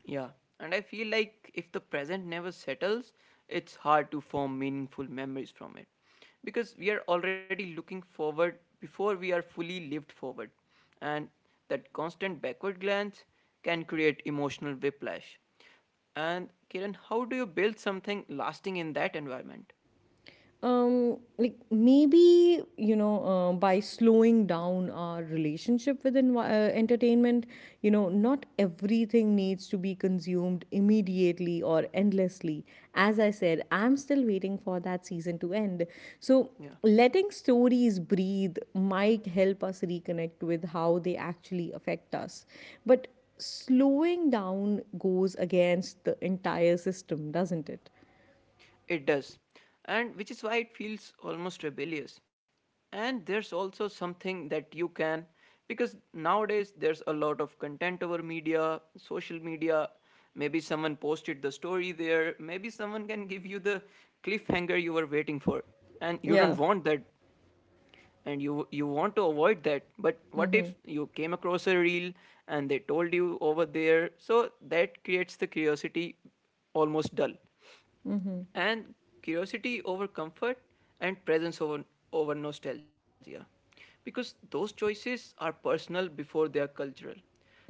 Speaker 2: Yeah, and I feel like if the present never settles, it's hard to form meaningful memories from it. Because we are already looking forward before we are fully lived forward. And that constant backward glance can create emotional whiplash. And Kiran, how do you build something lasting in that environment?
Speaker 1: Like maybe you know by slowing down our relationship with entertainment. Not everything needs to be consumed immediately or endlessly. As I said, I'm still waiting for that season to end, so
Speaker 2: Yeah.
Speaker 1: letting stories breathe might help us reconnect with how they actually affect us. But slowing down goes against the entire system, doesn't it?
Speaker 2: It does, and which is why it feels almost rebellious. And there's also something that you can, because nowadays there's a lot of content over media, social media. Maybe someone posted the story there, maybe someone can give you the cliffhanger you were waiting for, and you
Speaker 1: Yeah.
Speaker 2: don't want that and you want to avoid that. But what if you came across a reel and they told you over there? So that creates the curiosity almost dull. And curiosity over comfort, and presence over, over nostalgia, because those choices are personal before they are cultural,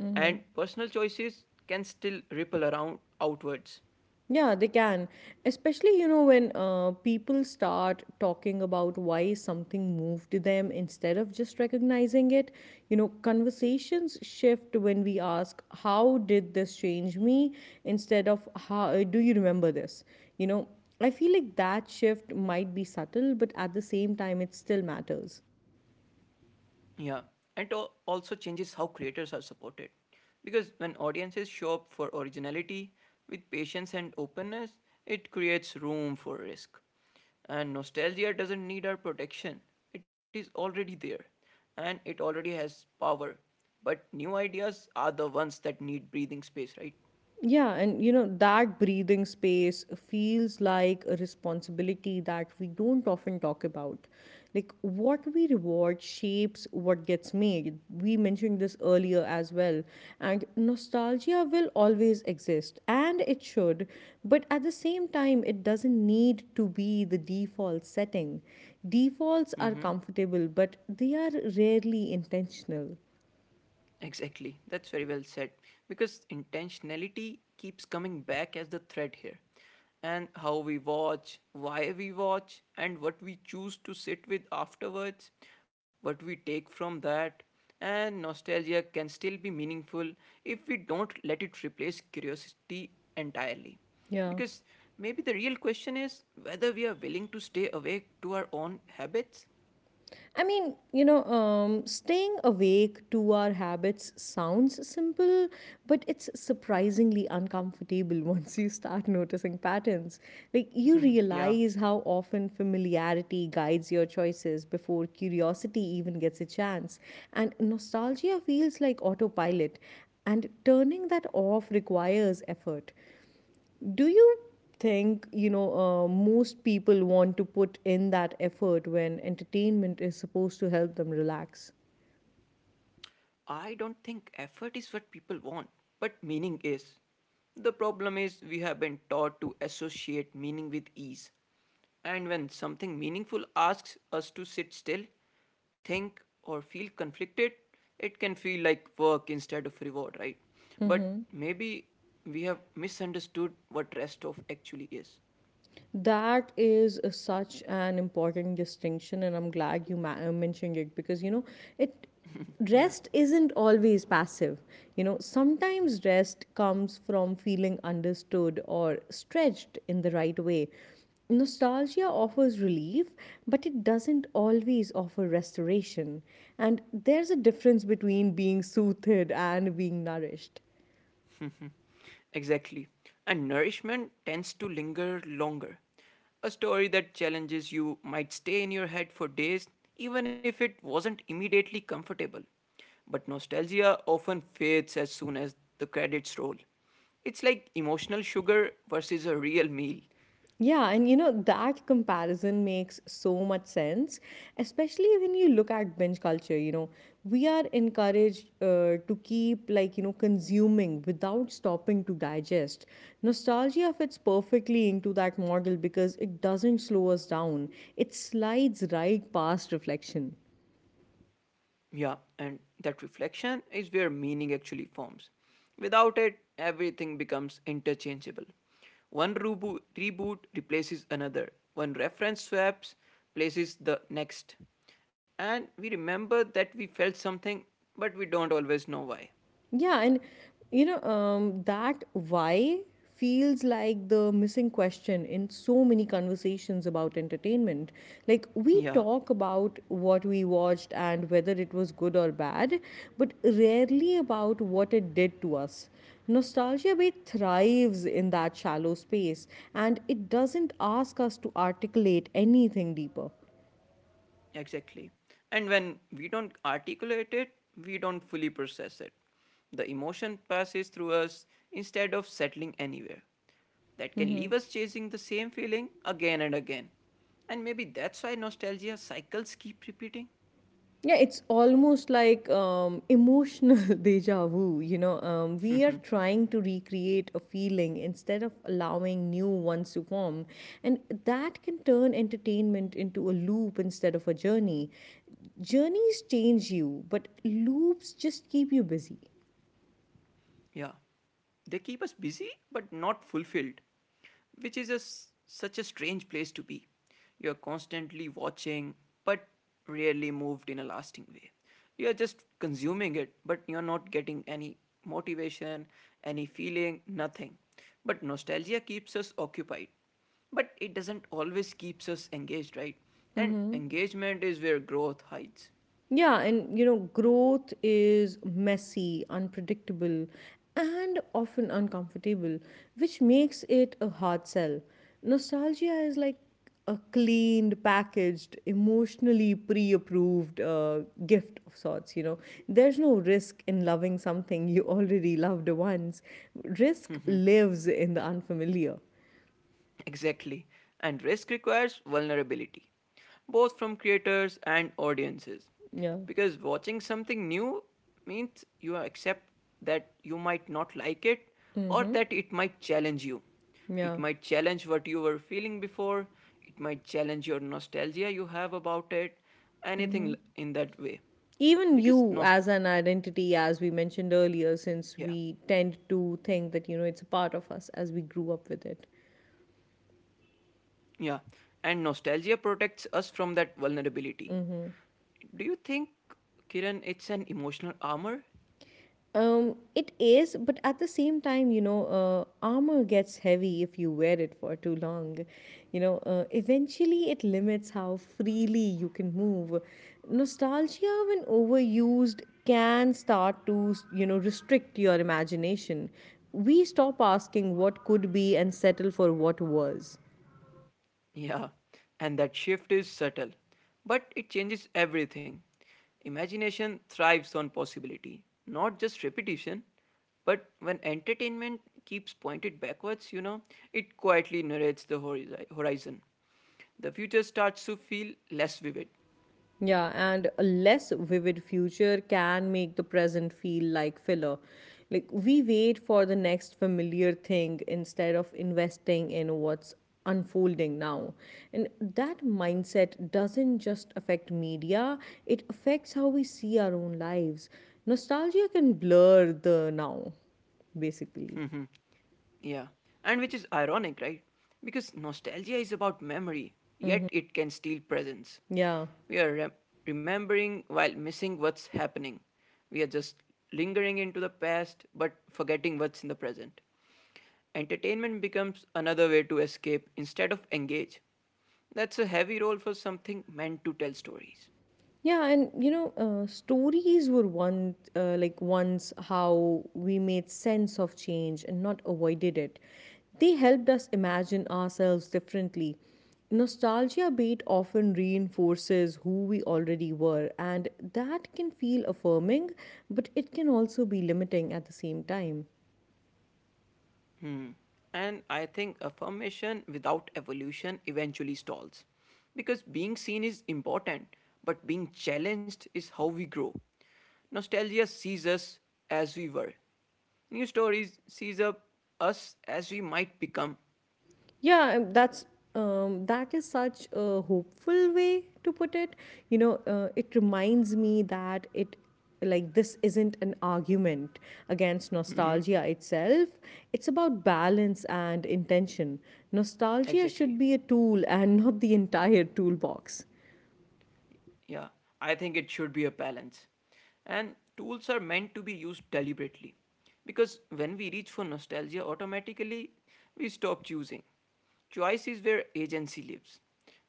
Speaker 2: and personal choices can still ripple around outwards.
Speaker 1: Yeah, they can. Especially, when people start talking about why something moved them instead of just recognizing it. You know, conversations shift when we ask, "How did this change me?" instead of, "How do you remember this?" You know, I feel like that shift might be subtle, but at the same time, it still matters.
Speaker 2: Yeah, and it also changes how creators are supported. Because when audiences show up for originality with patience and openness, it creates room for risk. And nostalgia doesn't need our protection, it is already there and it already has power. But new ideas are the ones that need breathing space, right?
Speaker 1: Yeah, and that breathing space feels like a responsibility that we don't often talk about. Like, what we reward shapes what gets made. We mentioned this earlier as well. And nostalgia will always exist, and it should, but at the same time, it doesn't need to be the default setting. Defaults are
Speaker 2: Mm-hmm.
Speaker 1: comfortable, but they are rarely intentional.
Speaker 2: Exactly. That's very well said. Because intentionality keeps coming back as the thread here. And how we watch, why we watch, and what we choose to sit with afterwards, what we take from that. And nostalgia can still be meaningful if we don't let it replace curiosity entirely.
Speaker 1: Yeah.
Speaker 2: Because maybe the real question is whether we are willing to stay awake to our own habits.
Speaker 1: Staying awake to our habits sounds simple, but it's surprisingly uncomfortable once you start noticing patterns. Like, you
Speaker 2: Yeah.
Speaker 1: realize how often familiarity guides your choices before curiosity even gets a chance. And nostalgia feels like autopilot, and turning that off requires effort. Do you think most people want to put in that effort when entertainment is supposed to help them relax?
Speaker 2: I don't think effort is what people want, but meaning is. The problem is we have been taught to associate meaning with ease. And when something meaningful asks us to sit still, think, or feel conflicted, it can feel like work instead of reward, right? But maybe we have misunderstood what rest of actually is.
Speaker 1: That is such an important distinction, and I'm glad you mentioned it, because it.
Speaker 2: Yeah.
Speaker 1: Rest isn't always passive. You know, sometimes rest comes from feeling understood or stretched in the right way. Nostalgia offers relief, but it doesn't always offer restoration. And there's a difference between being soothed and being nourished.
Speaker 2: Exactly. And nourishment tends to linger longer. A story that challenges you might stay in your head for days, even if it wasn't immediately comfortable. But nostalgia often fades as soon as the credits roll. It's like emotional sugar versus a real meal.
Speaker 1: Yeah, and that comparison makes so much sense, especially when you look at binge culture. We are encouraged to keep, consuming without stopping to digest. Nostalgia fits perfectly into that model because it doesn't slow us down, it slides right past reflection.
Speaker 2: Yeah, and that reflection is where meaning actually forms. Without it, everything becomes interchangeable. Reboot replaces another, one reference swaps places the next. And we remember that we felt something, but we don't always know why.
Speaker 1: Yeah, and that why feels like the missing question in so many conversations about entertainment. Like, we
Speaker 2: Yeah.
Speaker 1: talk about what we watched and whether it was good or bad, but rarely about what it did to us. Nostalgia bait thrives in that shallow space, and it doesn't ask us to articulate anything deeper.
Speaker 2: Exactly. And when we don't articulate it, we don't fully process it. The emotion passes through us instead of settling anywhere. That can leave us chasing the same feeling again and again. And maybe that's why nostalgia cycles keep repeating.
Speaker 1: Yeah, it's almost like emotional deja vu. We are trying to recreate a feeling instead of allowing new ones to form. And that can turn entertainment into a loop instead of a journey. Journeys change you, but loops just keep you busy.
Speaker 2: Yeah. They keep us busy but not fulfilled, which is a s such a strange place to be. You're constantly watching but rarely moved in a lasting way. You're just consuming it but you're not getting any motivation, any feeling, nothing. But nostalgia keeps us occupied. But it doesn't always keeps us engaged, right? And engagement is where growth hides.
Speaker 1: Yeah, and growth is messy, unpredictable, and often uncomfortable, which makes it a hard sell. Nostalgia is like a cleaned, packaged, emotionally pre approved gift of sorts, There's no risk in loving something you already loved once, risk lives in the unfamiliar.
Speaker 2: Exactly. And risk requires vulnerability, both from creators and audiences.
Speaker 1: Yeah,
Speaker 2: Because watching something new means you accept that you might not like it or that it might challenge you. It
Speaker 1: yeah.
Speaker 2: might challenge what you were feeling before, it might challenge your nostalgia you have about it, in that way.
Speaker 1: Even
Speaker 2: Because,
Speaker 1: you
Speaker 2: nost-
Speaker 1: as an identity, as we mentioned earlier, since
Speaker 2: yeah,
Speaker 1: we tend to think that it's a part of us as we grew up with it.
Speaker 2: yeah. And nostalgia protects us from that vulnerability. Do you think, Kiran, it's an emotional armor?
Speaker 1: Um it is, but at the same time, armor gets heavy if you wear it for too long. Eventually it limits how freely you can move. Nostalgia, when overused, can start to restrict your imagination. We stop asking what could be and settle for what was.
Speaker 2: Yeah, and that shift is subtle, but it changes everything. Imagination thrives on possibility, not just repetition. But when entertainment keeps pointed backwards, you know, it quietly narrates the horizon. The future starts to feel less vivid.
Speaker 1: Yeah, and a less vivid future can make the present feel like filler. Like, we wait for the next familiar thing instead of investing in what's unfolding now. And that mindset doesn't just affect media, it affects how we see our own lives. Nostalgia can blur the now, basically.
Speaker 2: Yeah, and which is ironic, right? Because nostalgia is about memory,
Speaker 1: Hmm.
Speaker 2: yet it can steal presence.
Speaker 1: Yeah.
Speaker 2: We are rem- remembering while missing what's happening. We are just lingering into the past but forgetting what's in the present. Entertainment becomes another way to escape instead of engage. That's a heavy role for something meant to tell stories.
Speaker 1: Yeah, and stories were one like once how we made sense of change and not avoided it. They helped us imagine ourselves differently. Nostalgia bait often reinforces who we already were, and that can feel affirming, but it can also be limiting at the same time.
Speaker 2: Hmm. And I think affirmation without evolution eventually stalls. Because being seen is important, but being challenged is how we grow. Nostalgia sees us as we were. New stories sees up us as we might become.
Speaker 1: Yeah, um, that's that is such a hopeful way to put it. It reminds me that it like this isn't an argument against nostalgia itself. It's about balance and intention. Nostalgia
Speaker 2: Exactly.
Speaker 1: should be a tool and not the entire toolbox.
Speaker 2: Yeah, I think it should be a balance. And tools are meant to be used deliberately. Because when we reach for nostalgia, automatically we stop choosing. Choice is where agency lives.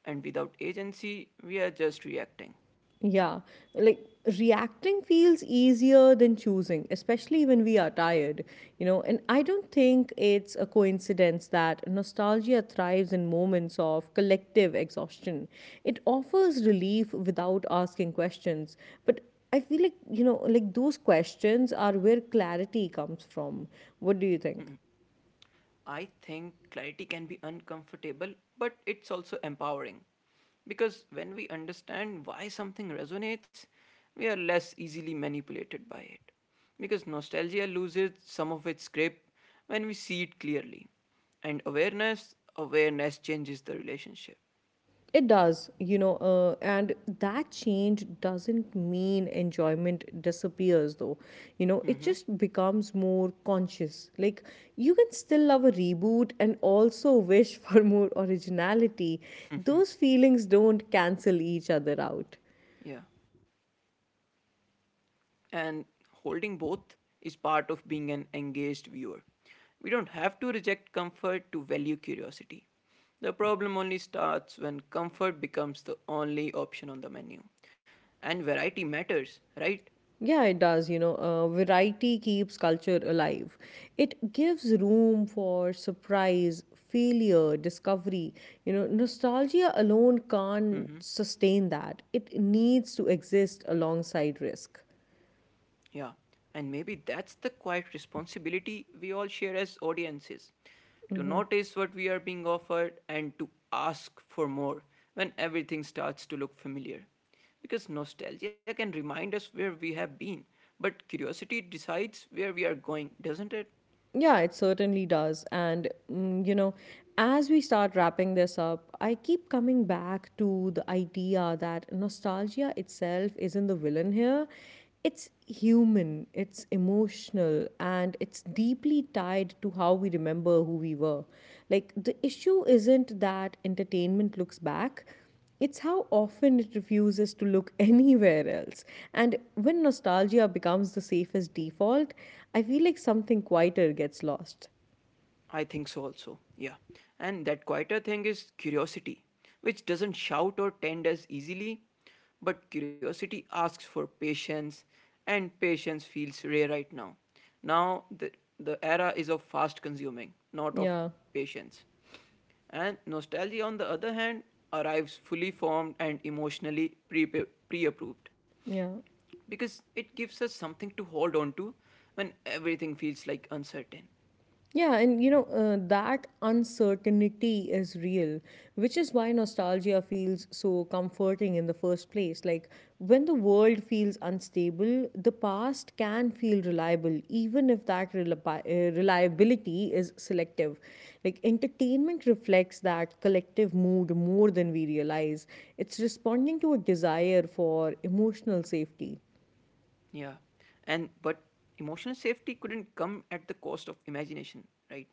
Speaker 2: And without agency, we are just reacting.
Speaker 1: Yeah, like, reacting feels easier than choosing, especially when we are tired, And I don't think it's a coincidence that nostalgia thrives in moments of collective exhaustion. It offers relief without asking questions, but I feel like, those questions are where clarity comes from. What do you think?
Speaker 2: I think clarity can be uncomfortable, but it's also empowering. Because when we understand why something resonates, we are less easily manipulated by it. Because nostalgia loses some of its grip when we see it clearly. And awareness changes the relationship.
Speaker 1: It does, and that change doesn't mean enjoyment disappears, though. It
Speaker 2: Mm-hmm.
Speaker 1: just becomes more conscious. Like, you can still love a reboot and also wish for more originality. Those feelings don't cancel each other out.
Speaker 2: Yeah, and holding both is part of being an engaged viewer. We don't have to reject comfort to value curiosity. The problem only starts when comfort becomes the only option on the menu. And variety matters, right?
Speaker 1: Yeah, it does. Variety keeps culture alive. It gives room for surprise, failure, discovery. Nostalgia alone can't sustain that. It needs to exist alongside risk.
Speaker 2: Yeah, and maybe that's the quiet responsibility we all share as audiences to notice what we are being offered and to ask for more when everything starts to look familiar. Because nostalgia can remind us where we have been, but curiosity decides where we are going, doesn't it?
Speaker 1: Yeah, it certainly does. And, as we start wrapping this up, I keep coming back to the idea that nostalgia itself isn't the villain here. It's human, it's emotional, and it's deeply tied to how we remember who we were. Like, the issue isn't that entertainment looks back, it's how often it refuses to look anywhere else. And when nostalgia becomes the safest default, I feel like something quieter gets lost.
Speaker 2: I think so also. Yeah. And that quieter thing is curiosity, which doesn't shout or tend as easily, but curiosity asks for patience, and patience feels rare right now. Now the the era is of fast consuming, not of
Speaker 1: Yeah,
Speaker 2: patience. And nostalgia, on the other hand, arrives fully formed and emotionally pre approved
Speaker 1: yeah.
Speaker 2: because it gives us something to hold on to when everything feels like uncertain.
Speaker 1: Yeah, and that uncertainty is real, which is why nostalgia feels so comforting in the first place. Like, when the world feels unstable, the past can feel reliable, even if that reliability is selective. Like, entertainment reflects that collective mood more than we realize. It's responding to a desire for emotional safety.
Speaker 2: Yeah. And but emotional safety couldn't come at the cost of imagination, right?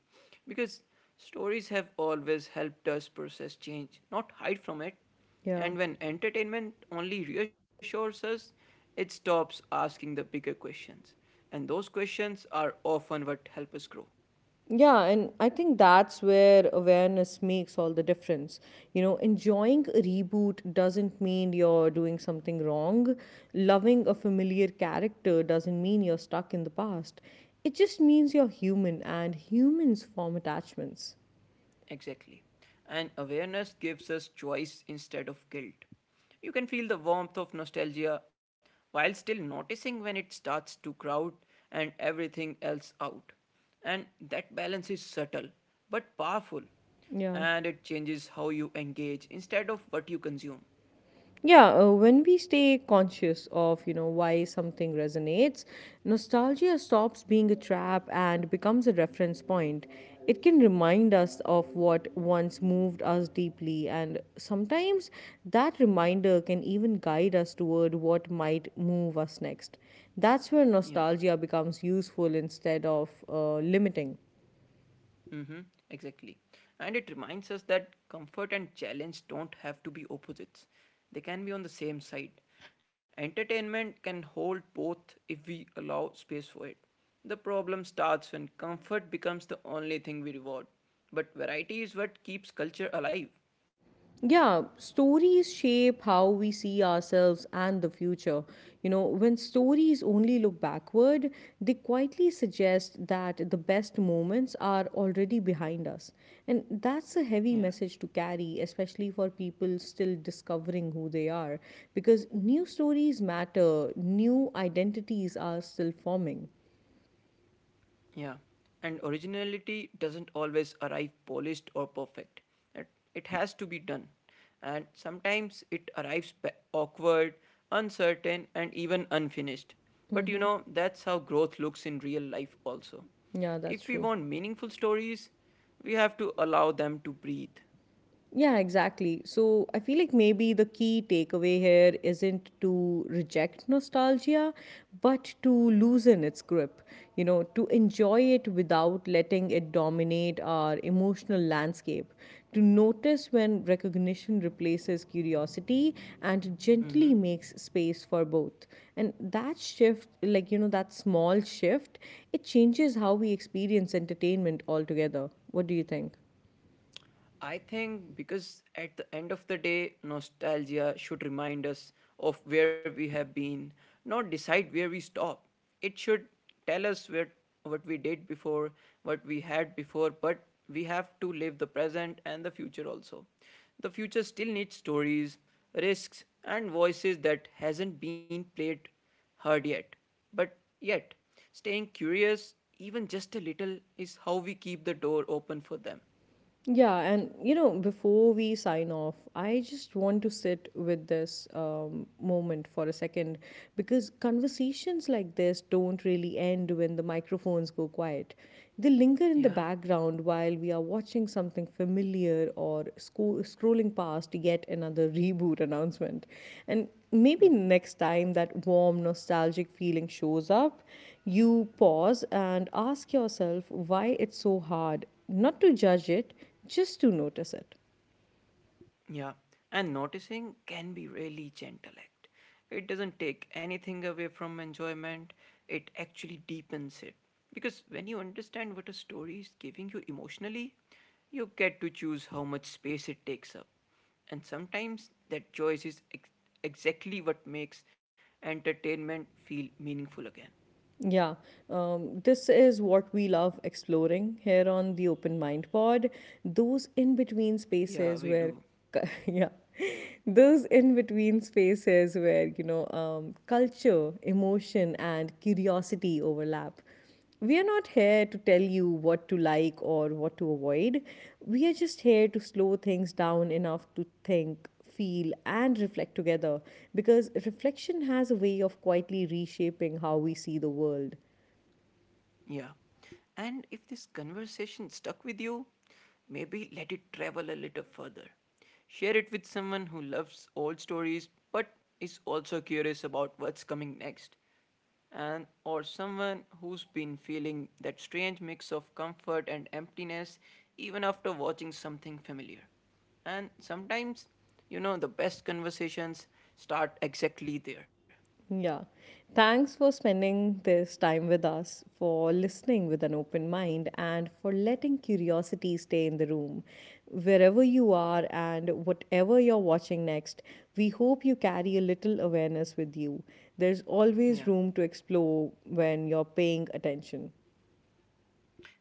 Speaker 2: Because stories have always helped us process change, not hide from it.
Speaker 1: Yeah.
Speaker 2: And when entertainment only reassures us, it stops asking the bigger questions. And those questions are often what help us grow.
Speaker 1: Yeah, and I think that's where awareness makes all the difference. You know, enjoying a reboot doesn't mean you're doing something wrong. Loving a familiar character doesn't mean you're stuck in the past. It just means you're human and humans form attachments.
Speaker 2: Exactly. And awareness gives us choice instead of guilt. You can feel the warmth of nostalgia while still noticing when it starts to crowd and everything else out. And that balance is subtle but powerful.
Speaker 1: Yeah.
Speaker 2: And it changes how you engage instead of what you consume.
Speaker 1: Yeah, when we stay conscious of why something resonates, nostalgia stops being a trap and becomes a reference point. It can remind us of what once moved us deeply, and sometimes that reminder can even guide us toward what might move us next. That's where
Speaker 2: Yeah.
Speaker 1: nostalgia becomes useful instead of limiting.
Speaker 2: Mm-hmm, exactly. And it reminds us that comfort and challenge don't have to be opposites, they can be on the same side. Entertainment can hold both if we allow space for it. The problem starts when comfort becomes the only thing we reward, but variety is what keeps culture alive.
Speaker 1: Yeah, stories shape how we see ourselves and the future. You know, when stories only look backward, they quietly suggest that the best moments are already behind us. And that's a heavy
Speaker 2: Yeah.
Speaker 1: message to carry, especially for people still discovering who they are, because new stories matter, new identities are still forming.
Speaker 2: Yeah, and originality doesn't always arrive polished or perfect. It, it has to be done. And sometimes it arrives awkward, uncertain, and even unfinished. But you know, that's how growth looks in real life also.
Speaker 1: Yeah, that's
Speaker 2: If we
Speaker 1: true.
Speaker 2: want meaningful stories, we have to allow them to breathe.
Speaker 1: Yeah, exactly. So I feel like maybe the key takeaway here isn't to reject nostalgia, but to loosen its grip, you know, to enjoy it without letting it dominate our emotional landscape, to notice when recognition replaces curiosity and gently makes space for both. And that shift, that small shift, it changes how we experience entertainment altogether. What do you think?
Speaker 2: I think because at the end of the day, nostalgia should remind us of where we have been, not decide where we stop. It should tell us where, what we did before, what we had before, but we have to live the present and the future also. The future still needs stories, risks, and voices that hasn't been played heard yet. But yet, staying curious, even just a little, is how we keep the door open for them.
Speaker 1: Yeah, and before we sign off, I just want to sit with this moment for a second, because conversations like this don't really end when the microphones go quiet. They linger in the
Speaker 2: Yeah.
Speaker 1: background while we are watching something familiar or scrolling past yet another reboot announcement. And maybe next time that warm, nostalgic feeling shows up, you pause and ask yourself why it's so hard not to judge it, just to notice it.
Speaker 2: Yeah, and noticing can be really gentle act. It doesn't take anything away from enjoyment. It actually deepens it. Because when you understand what a story is giving you emotionally, you get to choose how much space it takes up. And sometimes that choice is exactly what makes entertainment feel meaningful again.
Speaker 1: Yeah, this is what we love exploring here on the Open Mind Pod. Those in between
Speaker 2: Yeah,
Speaker 1: spaces
Speaker 2: we
Speaker 1: where,
Speaker 2: do.
Speaker 1: yeah, those in between spaces where, culture, emotion, and curiosity overlap. We are not here to tell you what to like or what to avoid. We are just here to slow things down enough to think, feel, and reflect together, because reflection has a way of quietly reshaping how we see the world.
Speaker 2: Yeah. And if this conversation stuck with you, maybe let it travel a little further. Share it with someone who loves old stories but is also curious about what's coming next. And or someone who's been feeling that strange mix of comfort and emptiness even after watching something familiar. And sometimes, you know, the best conversations start exactly there.
Speaker 1: Yeah. Thanks for spending this time with us, for listening with an open mind, and for letting curiosity stay in the room. Wherever you are and whatever you're watching next, we hope you carry a little awareness with you. There's always
Speaker 2: Yeah.
Speaker 1: room to explore when you're paying attention.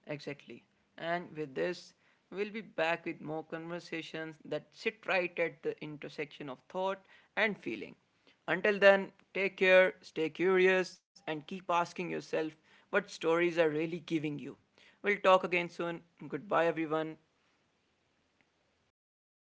Speaker 2: Exactly. And with this, we'll be back with more conversations that sit right at the intersection of thought and feeling. Until then, take care, stay curious, and keep asking yourself what stories are really giving you. We'll talk again soon. Goodbye, everyone.